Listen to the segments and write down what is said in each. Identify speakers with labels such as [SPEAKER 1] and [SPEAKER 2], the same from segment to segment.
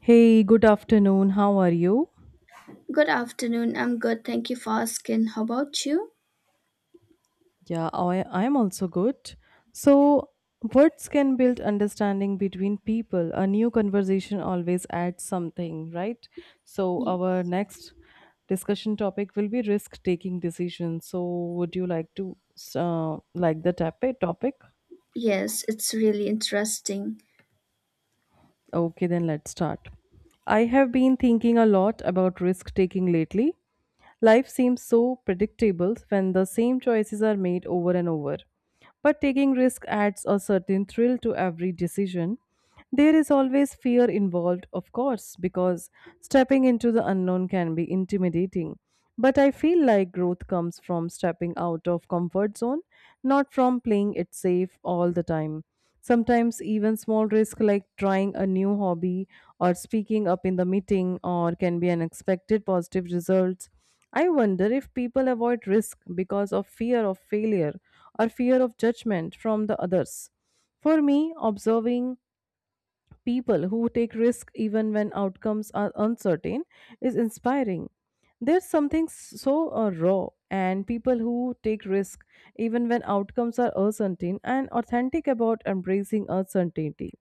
[SPEAKER 1] Hey, good afternoon. How are you?
[SPEAKER 2] Good afternoon. I'm good. Thank you for asking. How about you?
[SPEAKER 1] Yeah, I am also good. So, words can build understanding between people. A new conversation always adds something, right? So, our
[SPEAKER 2] Yes.
[SPEAKER 1] next discussion topic will be risk-taking decisions. So, would you like to like the topic?
[SPEAKER 2] Yes, it's really interesting.
[SPEAKER 1] Okay, then let's start. I have been thinking a lot about risk-taking lately. Life seems so predictable when the same choices are made over and over. But taking risk adds a certain thrill to every decision. There is always fear involved, of course, because stepping into the unknown can be intimidating. But I feel like growth comes from stepping out of comfort zone, not from playing it safe all the time. Sometimes even small risk like trying a new hobby or speaking up in the meeting or can be unexpected positive results. I wonder if people avoid risk because of fear of failure or fear of judgment from the others. For me, observing people who take risks even when outcomes are uncertain is inspiring. There's something so raw and people who take risk even when outcomes are uncertain and authentic about embracing uncertainty.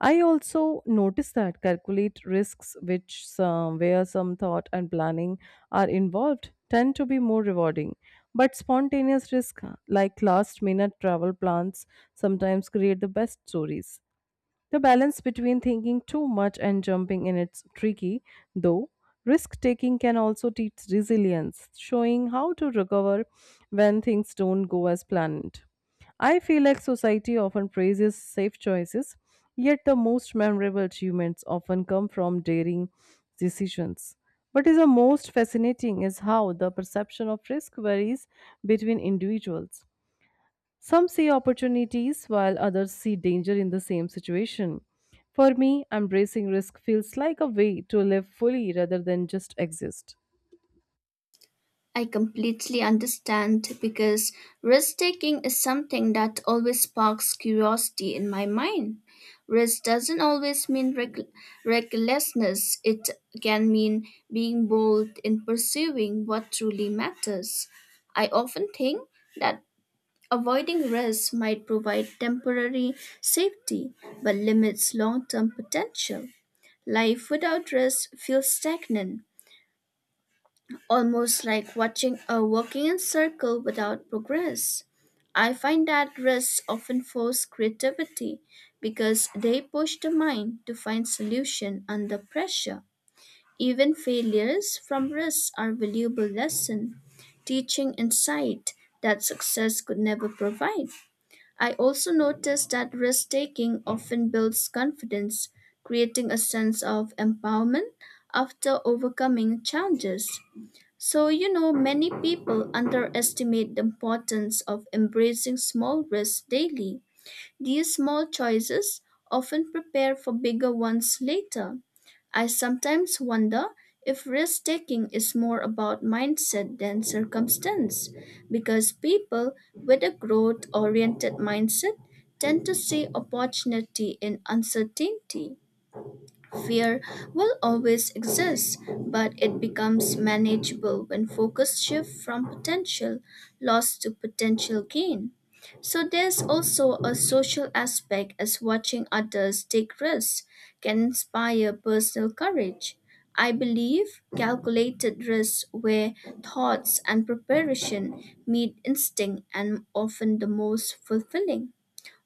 [SPEAKER 1] I also notice that calculate risks, which some, where some thought and planning are involved, tend to be more rewarding. But spontaneous risk, like last minute travel plans, sometimes create the best stories. The balance between thinking too much and jumping in it's tricky, though. Risk taking can also teach resilience, showing how to recover when things don't go as planned. I feel like society often praises safe choices, yet the most memorable achievements often come from daring decisions. What is the most fascinating is how the perception of risk varies between individuals. Some see opportunities while others see danger in the same situation. For me, embracing risk feels like a way to live fully rather than just exist.
[SPEAKER 2] I completely understand because risk taking is something that always sparks curiosity in my mind. Risk doesn't always mean recklessness, it can mean being bold in pursuing what truly matters. I often think that Avoiding risks might provide temporary safety but limits long term potential. Life without risk feels stagnant, almost like watching a walking in circle without progress. I find that risks often force creativity because they push the mind to find solution under pressure. Even failures from risks are valuable lesson, teaching insight that success could never provide. I also noticed that risk taking often builds confidence, creating a sense of empowerment after overcoming challenges. Many people underestimate the importance of embracing small risks daily. These small choices often prepare for bigger ones later. I sometimes wonder if risk taking is more about mindset than circumstance, because people with a growth oriented mindset tend to see opportunity in uncertainty. Fear will always exist, but it becomes manageable when focus shifts from potential loss to potential gain. So there's also a social aspect as watching others take risks can inspire personal courage. I believe calculated risks where thoughts and preparation meet instinct and often the most fulfilling.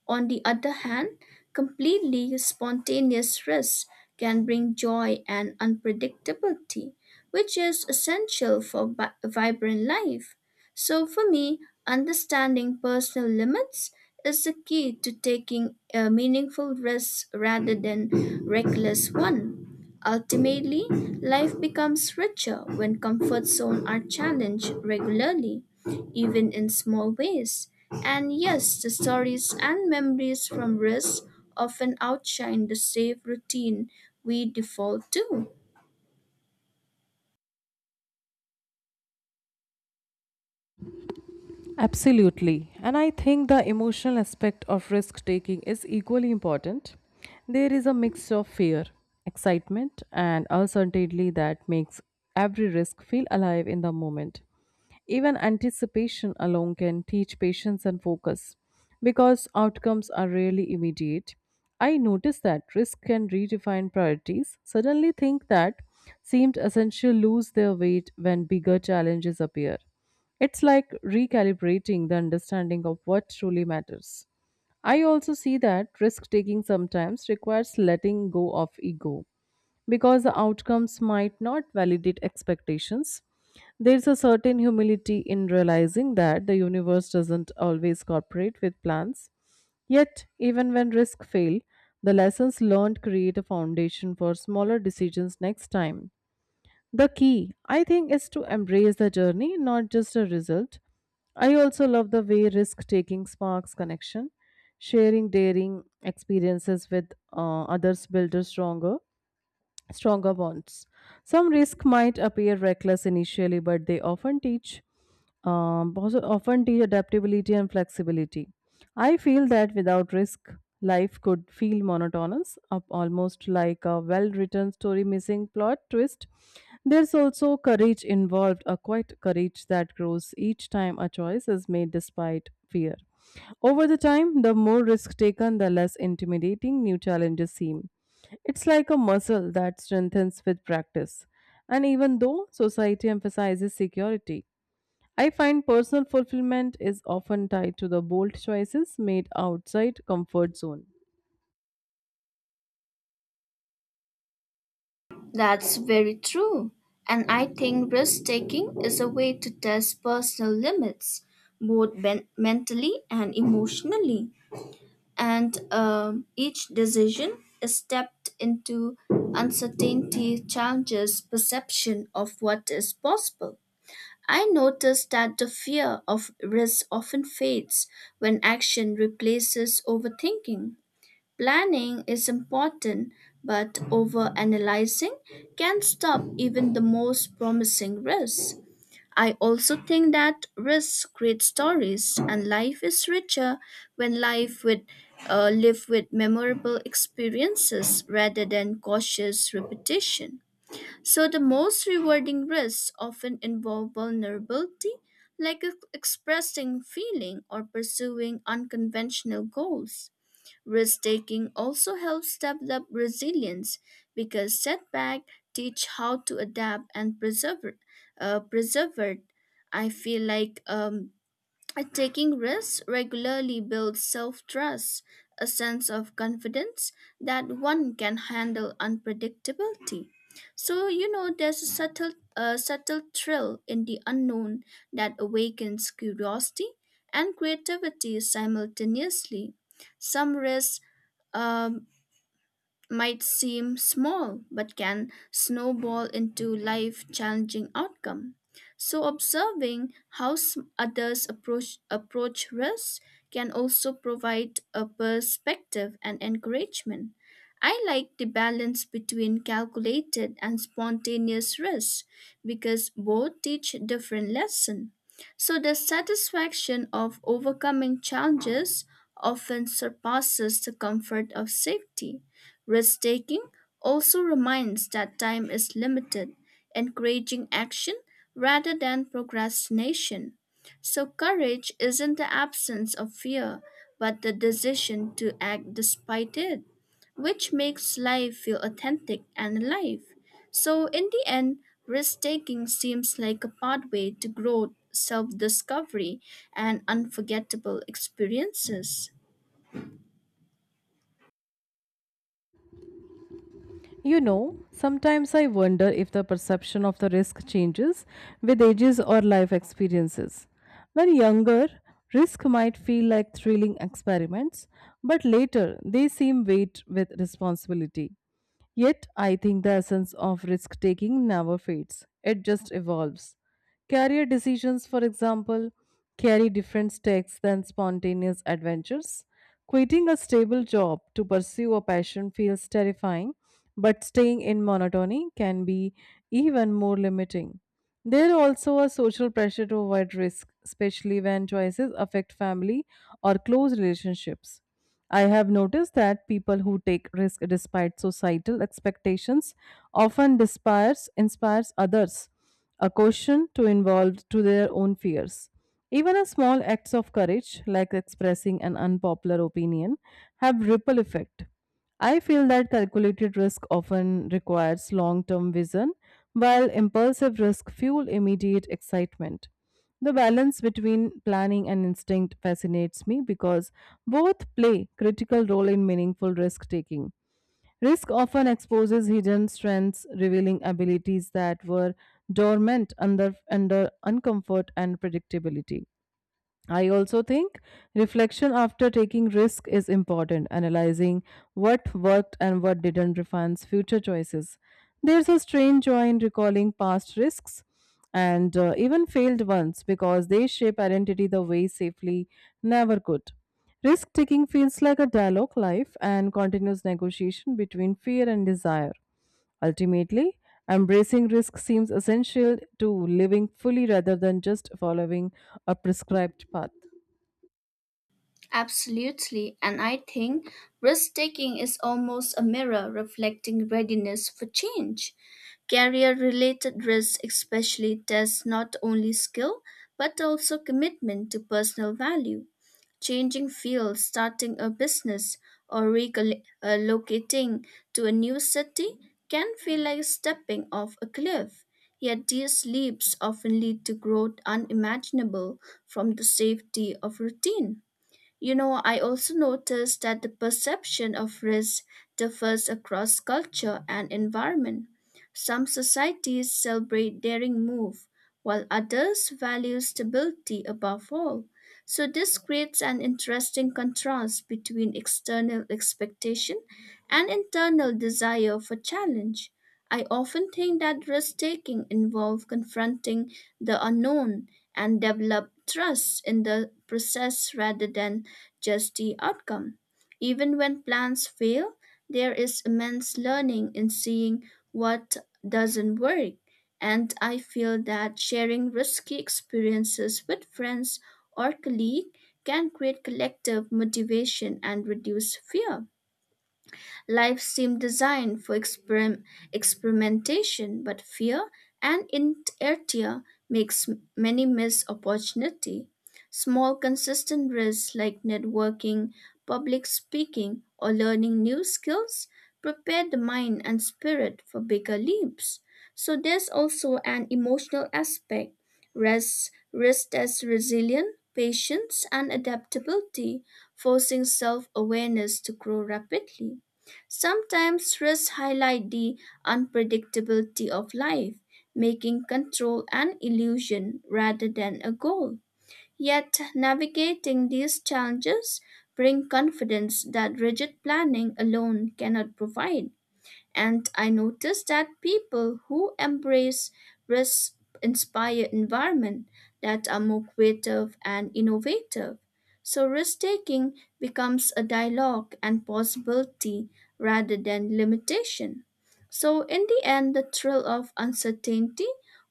[SPEAKER 2] On the other hand, completely spontaneous risks can bring joy and unpredictability, which is essential for vibrant life. So, for me, understanding personal limits is the key to taking a meaningful risk rather than reckless one. Ultimately, life becomes richer when comfort zones are challenged regularly, even in small ways. And yes, the stories and memories from risk often outshine the safe routine we default to.
[SPEAKER 1] Absolutely. And I think the emotional aspect of risk taking is equally important. There is a mix of fear, excitement, and uncertainty that makes every risk feel alive in the moment. Even anticipation alone can teach patience and focus because outcomes are rarely immediate. I notice that risk can redefine priorities, suddenly things that seemed essential lose their weight when bigger challenges appear. It's like recalibrating the understanding of what truly matters. I also see that risk taking sometimes requires letting go of ego because the outcomes might not validate expectations. There's a certain humility in realizing that the universe doesn't always cooperate with plans. Yet, even when risks fail, the lessons learned create a foundation for smaller decisions next time. The key, I think, is to embrace the journey, not just a result. I also love the way risk taking sparks connection. Sharing daring experiences with others builds a stronger bonds. Some risk might appear reckless initially, but they often teach also often teach adaptability and flexibility. I feel that without risk, life could feel monotonous, up almost like a well-written story missing plot twist. There's also courage involved, a quiet courage that grows each time a choice is made despite fear. Over the time, the more risk taken, the less intimidating new challenges seem. It's like a muscle that strengthens with practice. And even though society emphasizes security, I find personal fulfillment is often tied to the bold choices made outside comfort zone.
[SPEAKER 2] That's very true. And I think risk taking is a way to test personal limits, both mentally and emotionally. And each decision is stepped into uncertainty challenges perception of what is possible. I noticed that the fear of risk often fades when action replaces overthinking. Planning is important, but overanalyzing can stop even the most promising risks. I also think that risks create stories, and life is richer when life with live with memorable experiences rather than cautious repetition. So the most rewarding risks often involve vulnerability, like expressing feeling or pursuing unconventional goals. Risk taking also helps develop resilience because setbacks teach how to adapt and preserve. Preserve. I feel like taking risks regularly builds self trust, a sense of confidence that one can handle unpredictability. There's a subtle thrill in the unknown that awakens curiosity and creativity simultaneously. Some risks um, might seem small but can snowball into life challenging outcome, so observing how others approach risk can also provide a perspective and encouragement. I like the balance between calculated and spontaneous risk because both teach different lessons. So the satisfaction of overcoming challenges often surpasses the comfort of safety. Risk taking also reminds that time is limited, encouraging action rather than procrastination. So, courage isn't the absence of fear, but the decision to act despite it, which makes life feel authentic and alive. So, in the end, risk taking seems like a pathway to growth, self discovery, and unforgettable experiences.
[SPEAKER 1] You know, sometimes I wonder if the perception of the risk changes with ages or life experiences. When younger, risk might feel like thrilling experiments, but later they seem weighted with responsibility. Yet, I think the essence of risk taking never fades, it just evolves. Career decisions, for example, carry different stakes than spontaneous adventures. Quitting a stable job to pursue a passion feels terrifying, but staying in monotony can be even more limiting. There also a social pressure to avoid risk, especially when choices affect family or close relationships. I have noticed that people who take risk despite societal expectations often inspires others a caution to involve to their own fears. Even a small acts of courage like expressing an unpopular opinion have ripple effect. I feel that calculated risk often requires long term vision, while impulsive risk fuel immediate excitement. The balance between planning and instinct fascinates me because both play critical role in meaningful risk taking. Risk often exposes hidden strengths, revealing abilities that were dormant under uncomfort and predictability. I also think reflection after taking risk is important, analyzing what worked and what didn't refines future choices. There's a strange joy in recalling past risks and even failed ones because they shape identity the way safely never could. Risk taking feels like a dialogue life and continuous negotiation between fear and desire. Ultimately, embracing risk seems essential to living fully rather than just following a prescribed path.
[SPEAKER 2] Absolutely, and I think risk taking is almost a mirror reflecting readiness for change. Career related risks, especially, test not only skill but also commitment to personal value. Changing fields, starting a business, or relocating to a new city can feel like stepping off a cliff. Yet these leaps often lead to growth unimaginable from the safety of routine. You know, I also noticed that the perception of risk differs across culture and environment. Some societies celebrate daring move, while others value stability above all. So this creates an interesting contrast between external expectation and internal desire for challenge. I often think that risk taking involves confronting the unknown and develop trust in the process rather than just the outcome. Even when plans fail, there is immense learning in seeing what doesn't work. And I feel that sharing risky experiences with friends or colleagues can create collective motivation and reduce fear. Life seemed designed for experimentation, but fear and inertia makes many miss opportunity. Small consistent risks like networking, public speaking, or learning new skills prepare the mind and spirit for bigger leaps. So there's also an emotional aspect. Rest as resilience, patience, and adaptability, forcing self awareness to grow rapidly. Sometimes stress highlights the unpredictability of life, making control an illusion rather than a goal. Yet navigating these challenges bring confidence that rigid planning alone cannot provide. And I noticed that people who embrace risk-inspired environment that are more creative and innovative. So risk-taking becomes a dialogue and possibility rather than limitation. So in the end, the thrill of uncertainty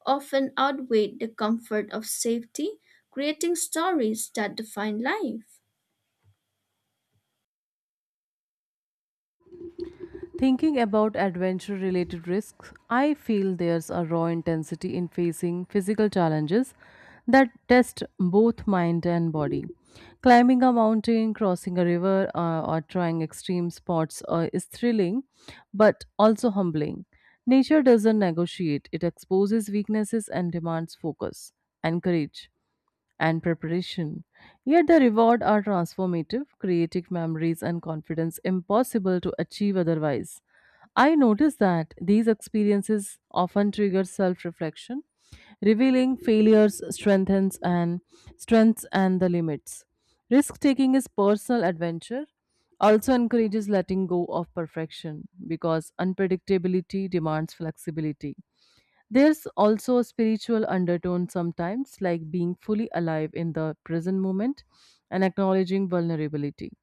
[SPEAKER 2] often outweigh the comfort of safety, creating stories that define life.
[SPEAKER 1] Thinking about adventure related risks, I feel there's a raw intensity in facing physical challenges that test both mind and body. Climbing a mountain, crossing a river, or trying extreme sports is thrilling but also humbling. Nature doesn't negotiate, it exposes weaknesses and demands focus and courage and preparation. Yet the reward are transformative, creating memories and confidence impossible to achieve otherwise. I noticed that these experiences often trigger self-reflection, revealing failures, strengthens and strengths and the limits. Risk taking is personal adventure, also encourages letting go of perfection because unpredictability demands flexibility. There's also a spiritual undertone sometimes, like being fully alive in the present moment and acknowledging vulnerability.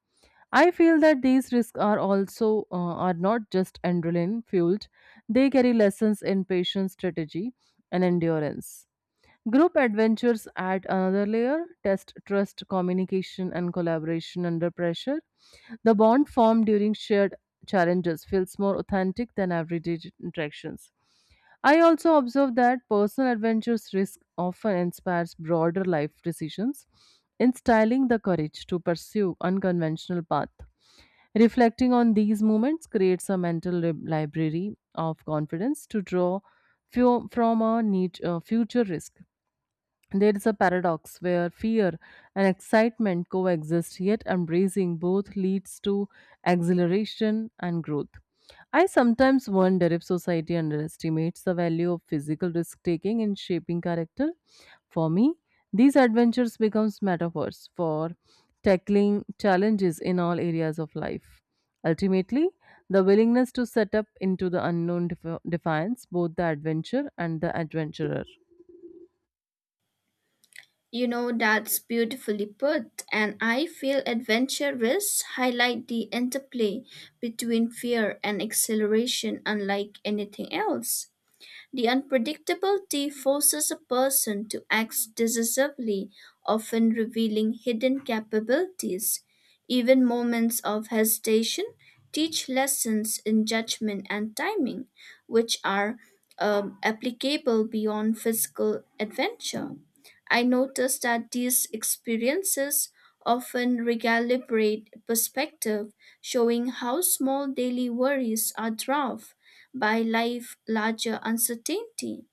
[SPEAKER 1] I feel that these risks are also are not just adrenaline fueled. They carry lessons in patience, strategy, and endurance. Group adventures add another layer: test, trust, communication, and collaboration under pressure. The bond formed during shared challenges feels more authentic than everyday interactions. I also observe that personal adventures risk often inspires broader life decisions, instilling the courage to pursue unconventional path. Reflecting on these moments creates a mental library of confidence to draw from a need, future risk. There is a paradox where fear and excitement coexist, yet embracing both leads to exhilaration and growth. I sometimes wonder if society underestimates the value of physical risk taking in shaping character. For me, these adventures becomes metaphors for tackling challenges in all areas of life. Ultimately, the willingness to set up into the unknown defines both the adventure and the adventurer.
[SPEAKER 2] You know, that's beautifully put, and I feel adventurous highlight the interplay between fear and acceleration unlike anything else. The unpredictability forces a person to act decisively, often revealing hidden capabilities. Even moments of hesitation teach lessons in judgment and timing, which are applicable beyond physical adventure. I noticed that these experiences often recalibrate perspective, showing how small daily worries are dwarfed by life larger uncertainty.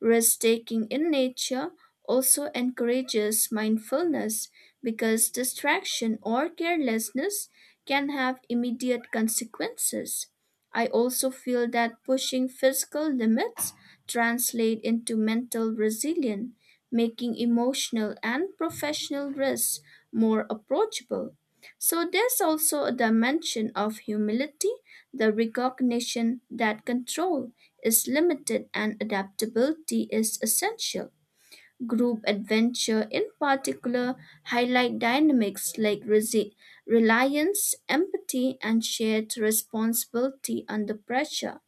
[SPEAKER 2] Risk taking in nature also encourages mindfulness because distraction or carelessness can have immediate consequences. I also feel that pushing physical limits translate into mental resilience, making emotional and professional risks more approachable. So there's also a dimension of humility, the recognition that control is limited and adaptability is essential. Group adventure in particular highlight dynamics like reliance, empathy and shared responsibility under pressure.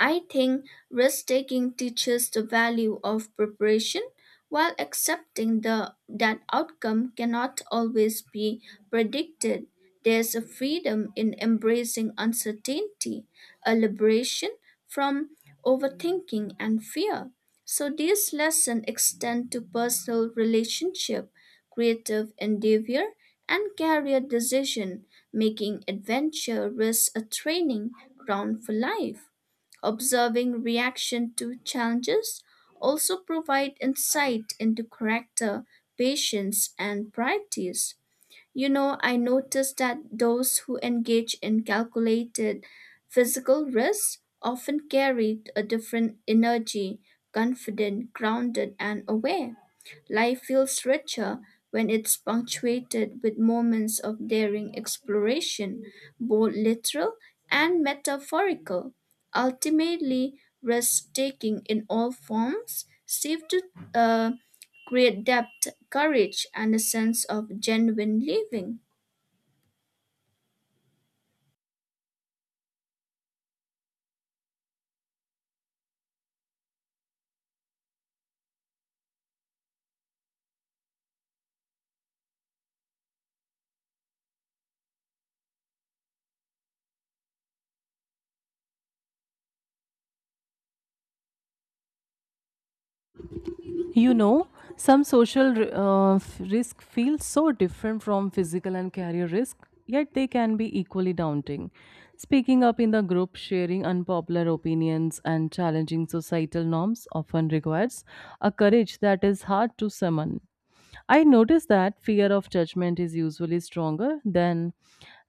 [SPEAKER 2] I think risk taking teaches the value of preparation while accepting that outcome cannot always be predicted. There's a freedom in embracing uncertainty, a liberation from overthinking and fear. So these lessons extend to personal relationship, creative endeavor, and career decision, making adventure risk a training ground for life. Observing reaction to challenges also provide insight into character, patience, and priorities. You know, I noticed that those who engage in calculated physical risks often carry a different energy, confident, grounded, and aware. Life feels richer when it's punctuated with moments of daring exploration, both literal and metaphorical. Ultimately, risk taking in all forms seems to uh, great depth, courage, and a sense of genuine living.
[SPEAKER 1] You know, some social risk feels so different from physical and career risk, yet they can be equally daunting. Speaking up in the group, sharing unpopular opinions, and challenging societal norms often requires a courage that is hard to summon. I noticed that fear of judgment is usually stronger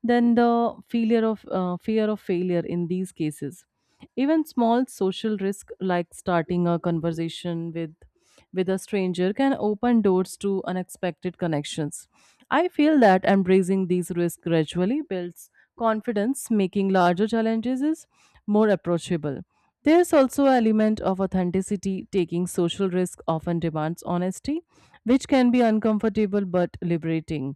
[SPEAKER 1] than the failure of fear of failure in these cases. Even small social risk like starting a conversation with a stranger can open doors to unexpected connections. I feel that embracing these risks gradually builds confidence, making larger challenges is more approachable. There's also an element of authenticity. Taking social risk often demands honesty which can be uncomfortable but liberating.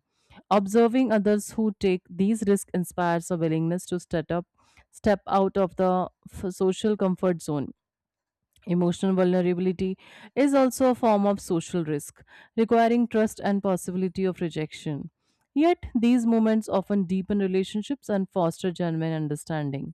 [SPEAKER 1] Observing others who take these risks inspires a willingness to step up, step out of the social comfort zone. Emotional vulnerability is also a form of social risk, requiring trust and possibility of rejection. Yet, these moments often deepen relationships and foster genuine understanding.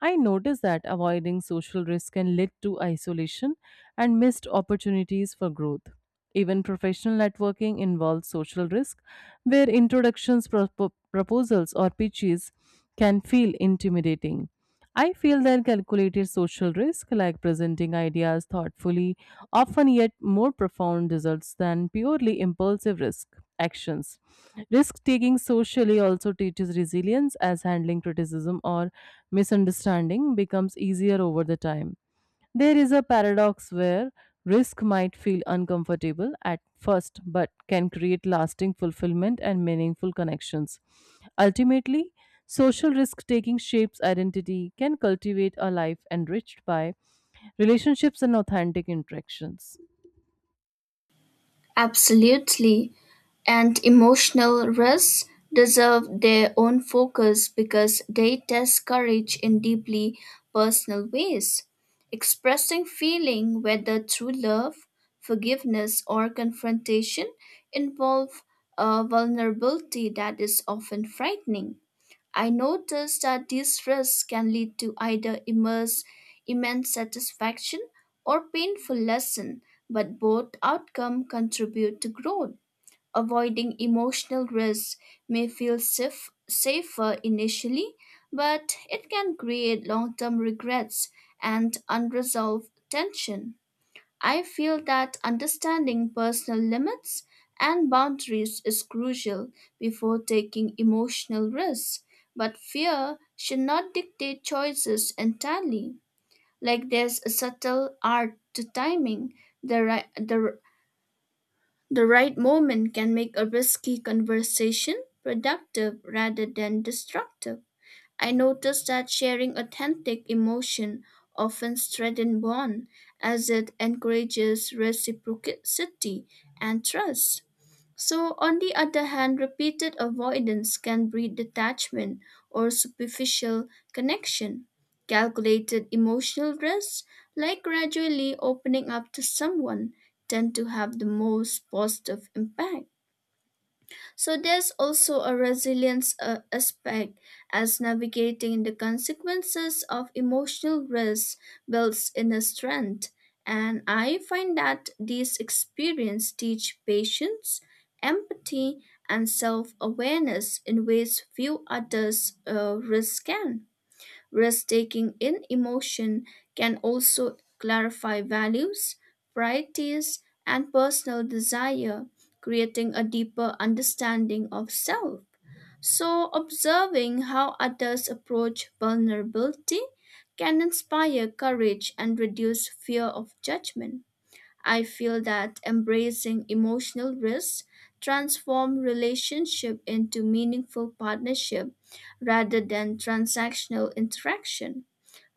[SPEAKER 1] I noticed that avoiding social risk can lead to isolation and missed opportunities for growth. Even professional networking involves social risk, where introductions, proposals, or pitches can feel intimidating. I feel that calculated social risk, like presenting ideas thoughtfully, often yet more profound results than purely impulsive risk actions. Risk taking socially also teaches resilience as handling criticism or misunderstanding becomes easier over the time. There is a paradox where risk might feel uncomfortable at first, but can create lasting fulfillment and meaningful connections. Ultimately, social risk taking shapes identity, can cultivate a life enriched by relationships and authentic interactions.
[SPEAKER 2] Absolutely. And emotional risks deserve their own focus because they test courage in deeply personal ways. Expressing feeling, whether through love, forgiveness, or confrontation, involve a vulnerability that is often frightening. I noticed that these risks can lead to either immense satisfaction or painful lesson, but both outcome contribute to growth. Avoiding emotional risks may feel safer initially, but it can create long-term regrets and unresolved tension. I feel that understanding personal limits and boundaries is crucial before taking emotional risks, but fear should not dictate choices entirely. Like there's a subtle art to timing, the right, the, the right moment can make a risky conversation productive rather than destructive. I noticed that sharing authentic emotion often strengthens bond as it encourages reciprocity and trust. So on the other hand, repeated avoidance can breed detachment or superficial connection. Calculated emotional risks, like gradually opening up to someone, tend to have the most positive impact. So there's also a resilience aspect as navigating the consequences of emotional risk builds inner strength. And I find that these experiences teach patience, empathy, and self awareness in ways few others risks can. Risk taking in emotion can also clarify values, priorities, and personal desire, creating a deeper understanding of self. So, observing how others approach vulnerability can inspire courage and reduce fear of judgment. I feel that embracing emotional risks transform relationship into meaningful partnership rather than transactional interaction.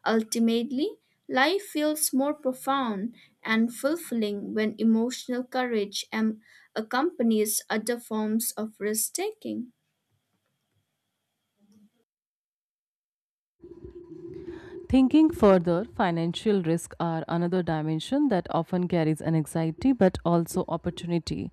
[SPEAKER 2] Ultimately, life feels more profound and fulfilling when emotional courage accompanies other forms of risk taking.
[SPEAKER 1] Thinking further, financial risks are another dimension that often carries an anxiety but also opportunity.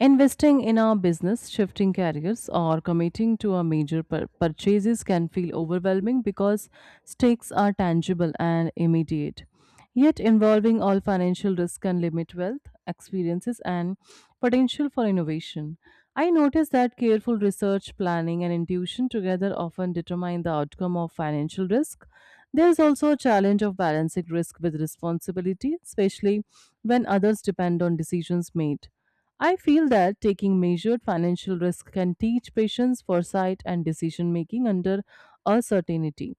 [SPEAKER 1] Investing in our business, shifting careers, or committing to a major purchases can feel overwhelming because stakes are tangible and immediate yet involving all financial risk can limit wealth, experiences, and potential for innovation. I noticed that careful research, planning, and intuition together often determine the outcome of financial risk. There is also a challenge of balancing risk with responsibility, especially when others depend on decisions made. I feel that taking measured financial risk can teach patience, foresight, and decision making under uncertainty.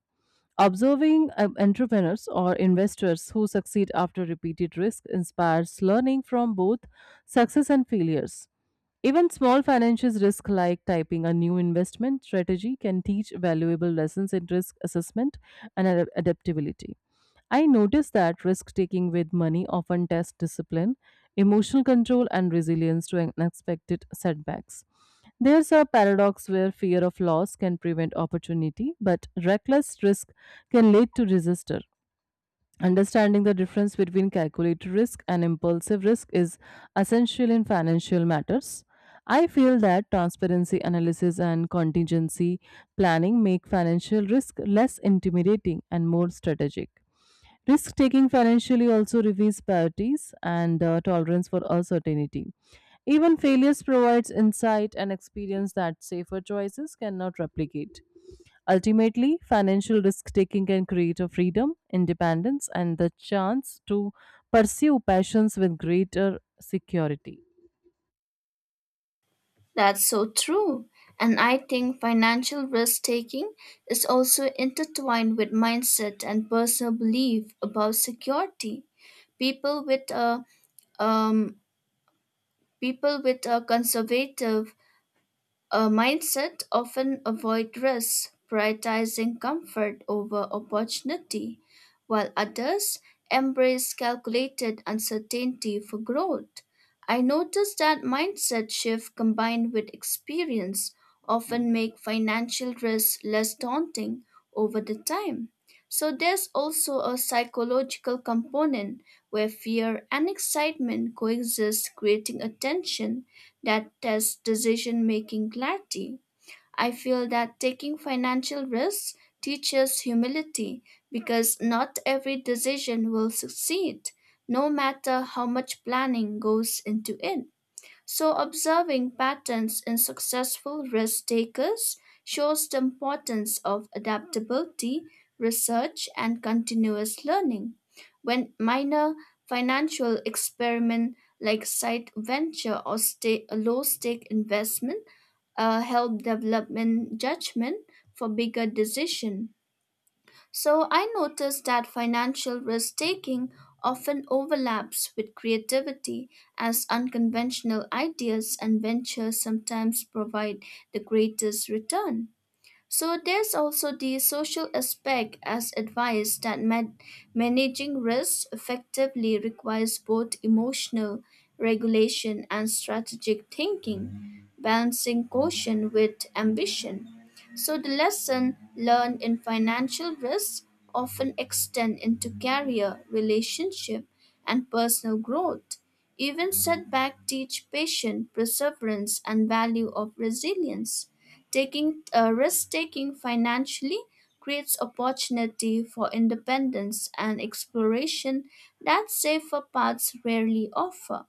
[SPEAKER 1] Observing entrepreneurs or investors who succeed after repeated risk inspires learning from both success and failures. Even small financial risks like typing a new investment strategy can teach valuable lessons in risk assessment and adaptability. I noticed that risk taking with money often tests discipline, emotional control, and resilience to unexpected setbacks. There's a paradox where fear of loss can prevent opportunity, but reckless risk can lead to disaster. Understanding the difference between calculated risk and impulsive risk is essential in financial matters. I feel that transparency analysis and contingency planning make financial risk less intimidating and more strategic. Risk taking financially also reveals priorities and tolerance for uncertainty. Even failures provides insight and experience that safer choices cannot replicate. Ultimately, financial risk taking can create a freedom, independence, and the chance to pursue passions with greater security.
[SPEAKER 2] That's so true. And I think financial risk taking is also intertwined with mindset and personal belief about security. People with a um, People with a conservative a mindset often avoid risk, prioritizing comfort over opportunity, while others embrace calculated uncertainty for growth. I noticed that mindset shift combined with experience often make financial risk less daunting over the time. So there's also a psychological component where fear and excitement coexist creating a tension that test decision making clarity. I feel that taking financial risks teaches humility because not every decision will succeed, no matter how much planning goes into it. So, observing patterns in successful risk takers shows the importance of adaptability, research, and continuous learning. When minor financial experiment like side venture or low stake investment help development judgment for bigger decision. So I noticed that financial risk taking often overlaps with creativity, as unconventional ideas and ventures sometimes provide the greatest return. So there's also the social aspect as advice that managing risk effectively requires both emotional regulation and strategic thinking, balancing caution with ambition. So the lesson learned in financial risk often extend into career, relationship, and personal growth. Even setback teach patience, perseverance, and value of resilience. Taking Risk taking financially creates opportunity for independence and exploration that safer paths rarely offer.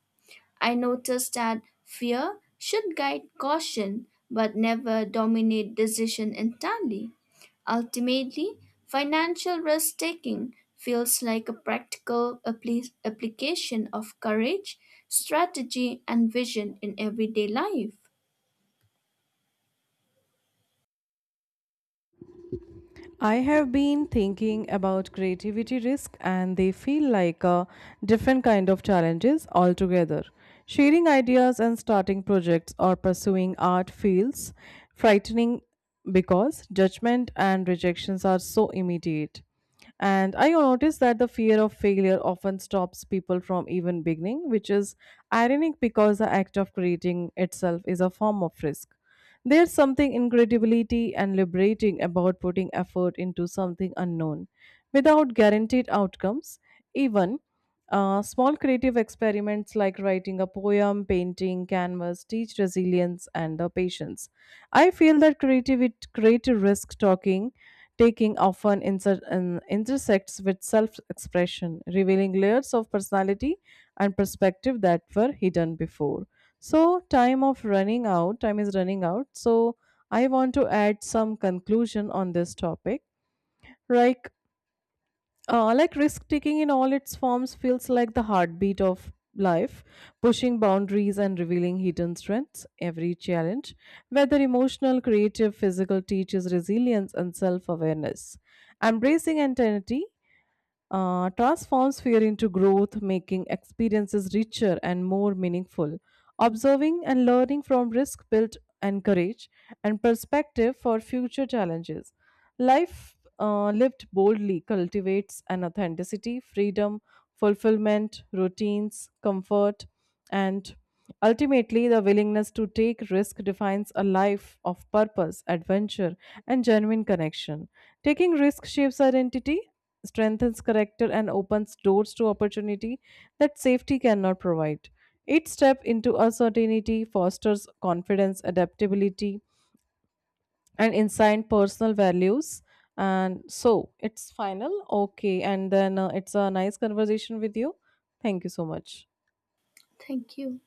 [SPEAKER 2] I noticed that fear should guide caution but never dominate decision entirely. Ultimately, financial risk taking feels like a practical application of courage, strategy, and vision in everyday life.
[SPEAKER 1] I have been thinking about creativity risk and they feel like a different kind of challenges altogether. Sharing ideas and starting projects or pursuing art feels frightening because judgment and rejections are so immediate. And I noticed that the fear of failure often stops people from even beginning, which is ironic because the act of creating itself is a form of risk. There's something incredibility and liberating about putting effort into something unknown without guaranteed outcomes. Even small creative experiments like writing a poem, painting, canvas teach resilience and the patience. I feel that creative risk talking taking often intersects with self-expression, revealing layers of personality and perspective that were hidden before. So, time of running out, time is running out. So, I want to add some conclusion on this topic. Like, like risk taking in all its forms feels like the heartbeat of life, pushing boundaries and revealing hidden strengths. Every challenge, whether emotional, creative, physical, teaches resilience and self awareness. Embracing anxiety transforms fear into growth, making experiences richer and more meaningful. Observing and learning from risk built and courage and perspective for future challenges. Life lived boldly cultivates an authenticity, freedom, fulfillment, routines, comfort, and ultimately the willingness to take risk defines a life of purpose, adventure, and genuine connection. Taking risk shapes identity strengthens character and opens doors to opportunity that safety cannot provide. Each step into uncertainty fosters confidence, adaptability, and insight personal values. And so it's final. Okay. And then it's a nice conversation with you. Thank you so much.
[SPEAKER 2] Thank you.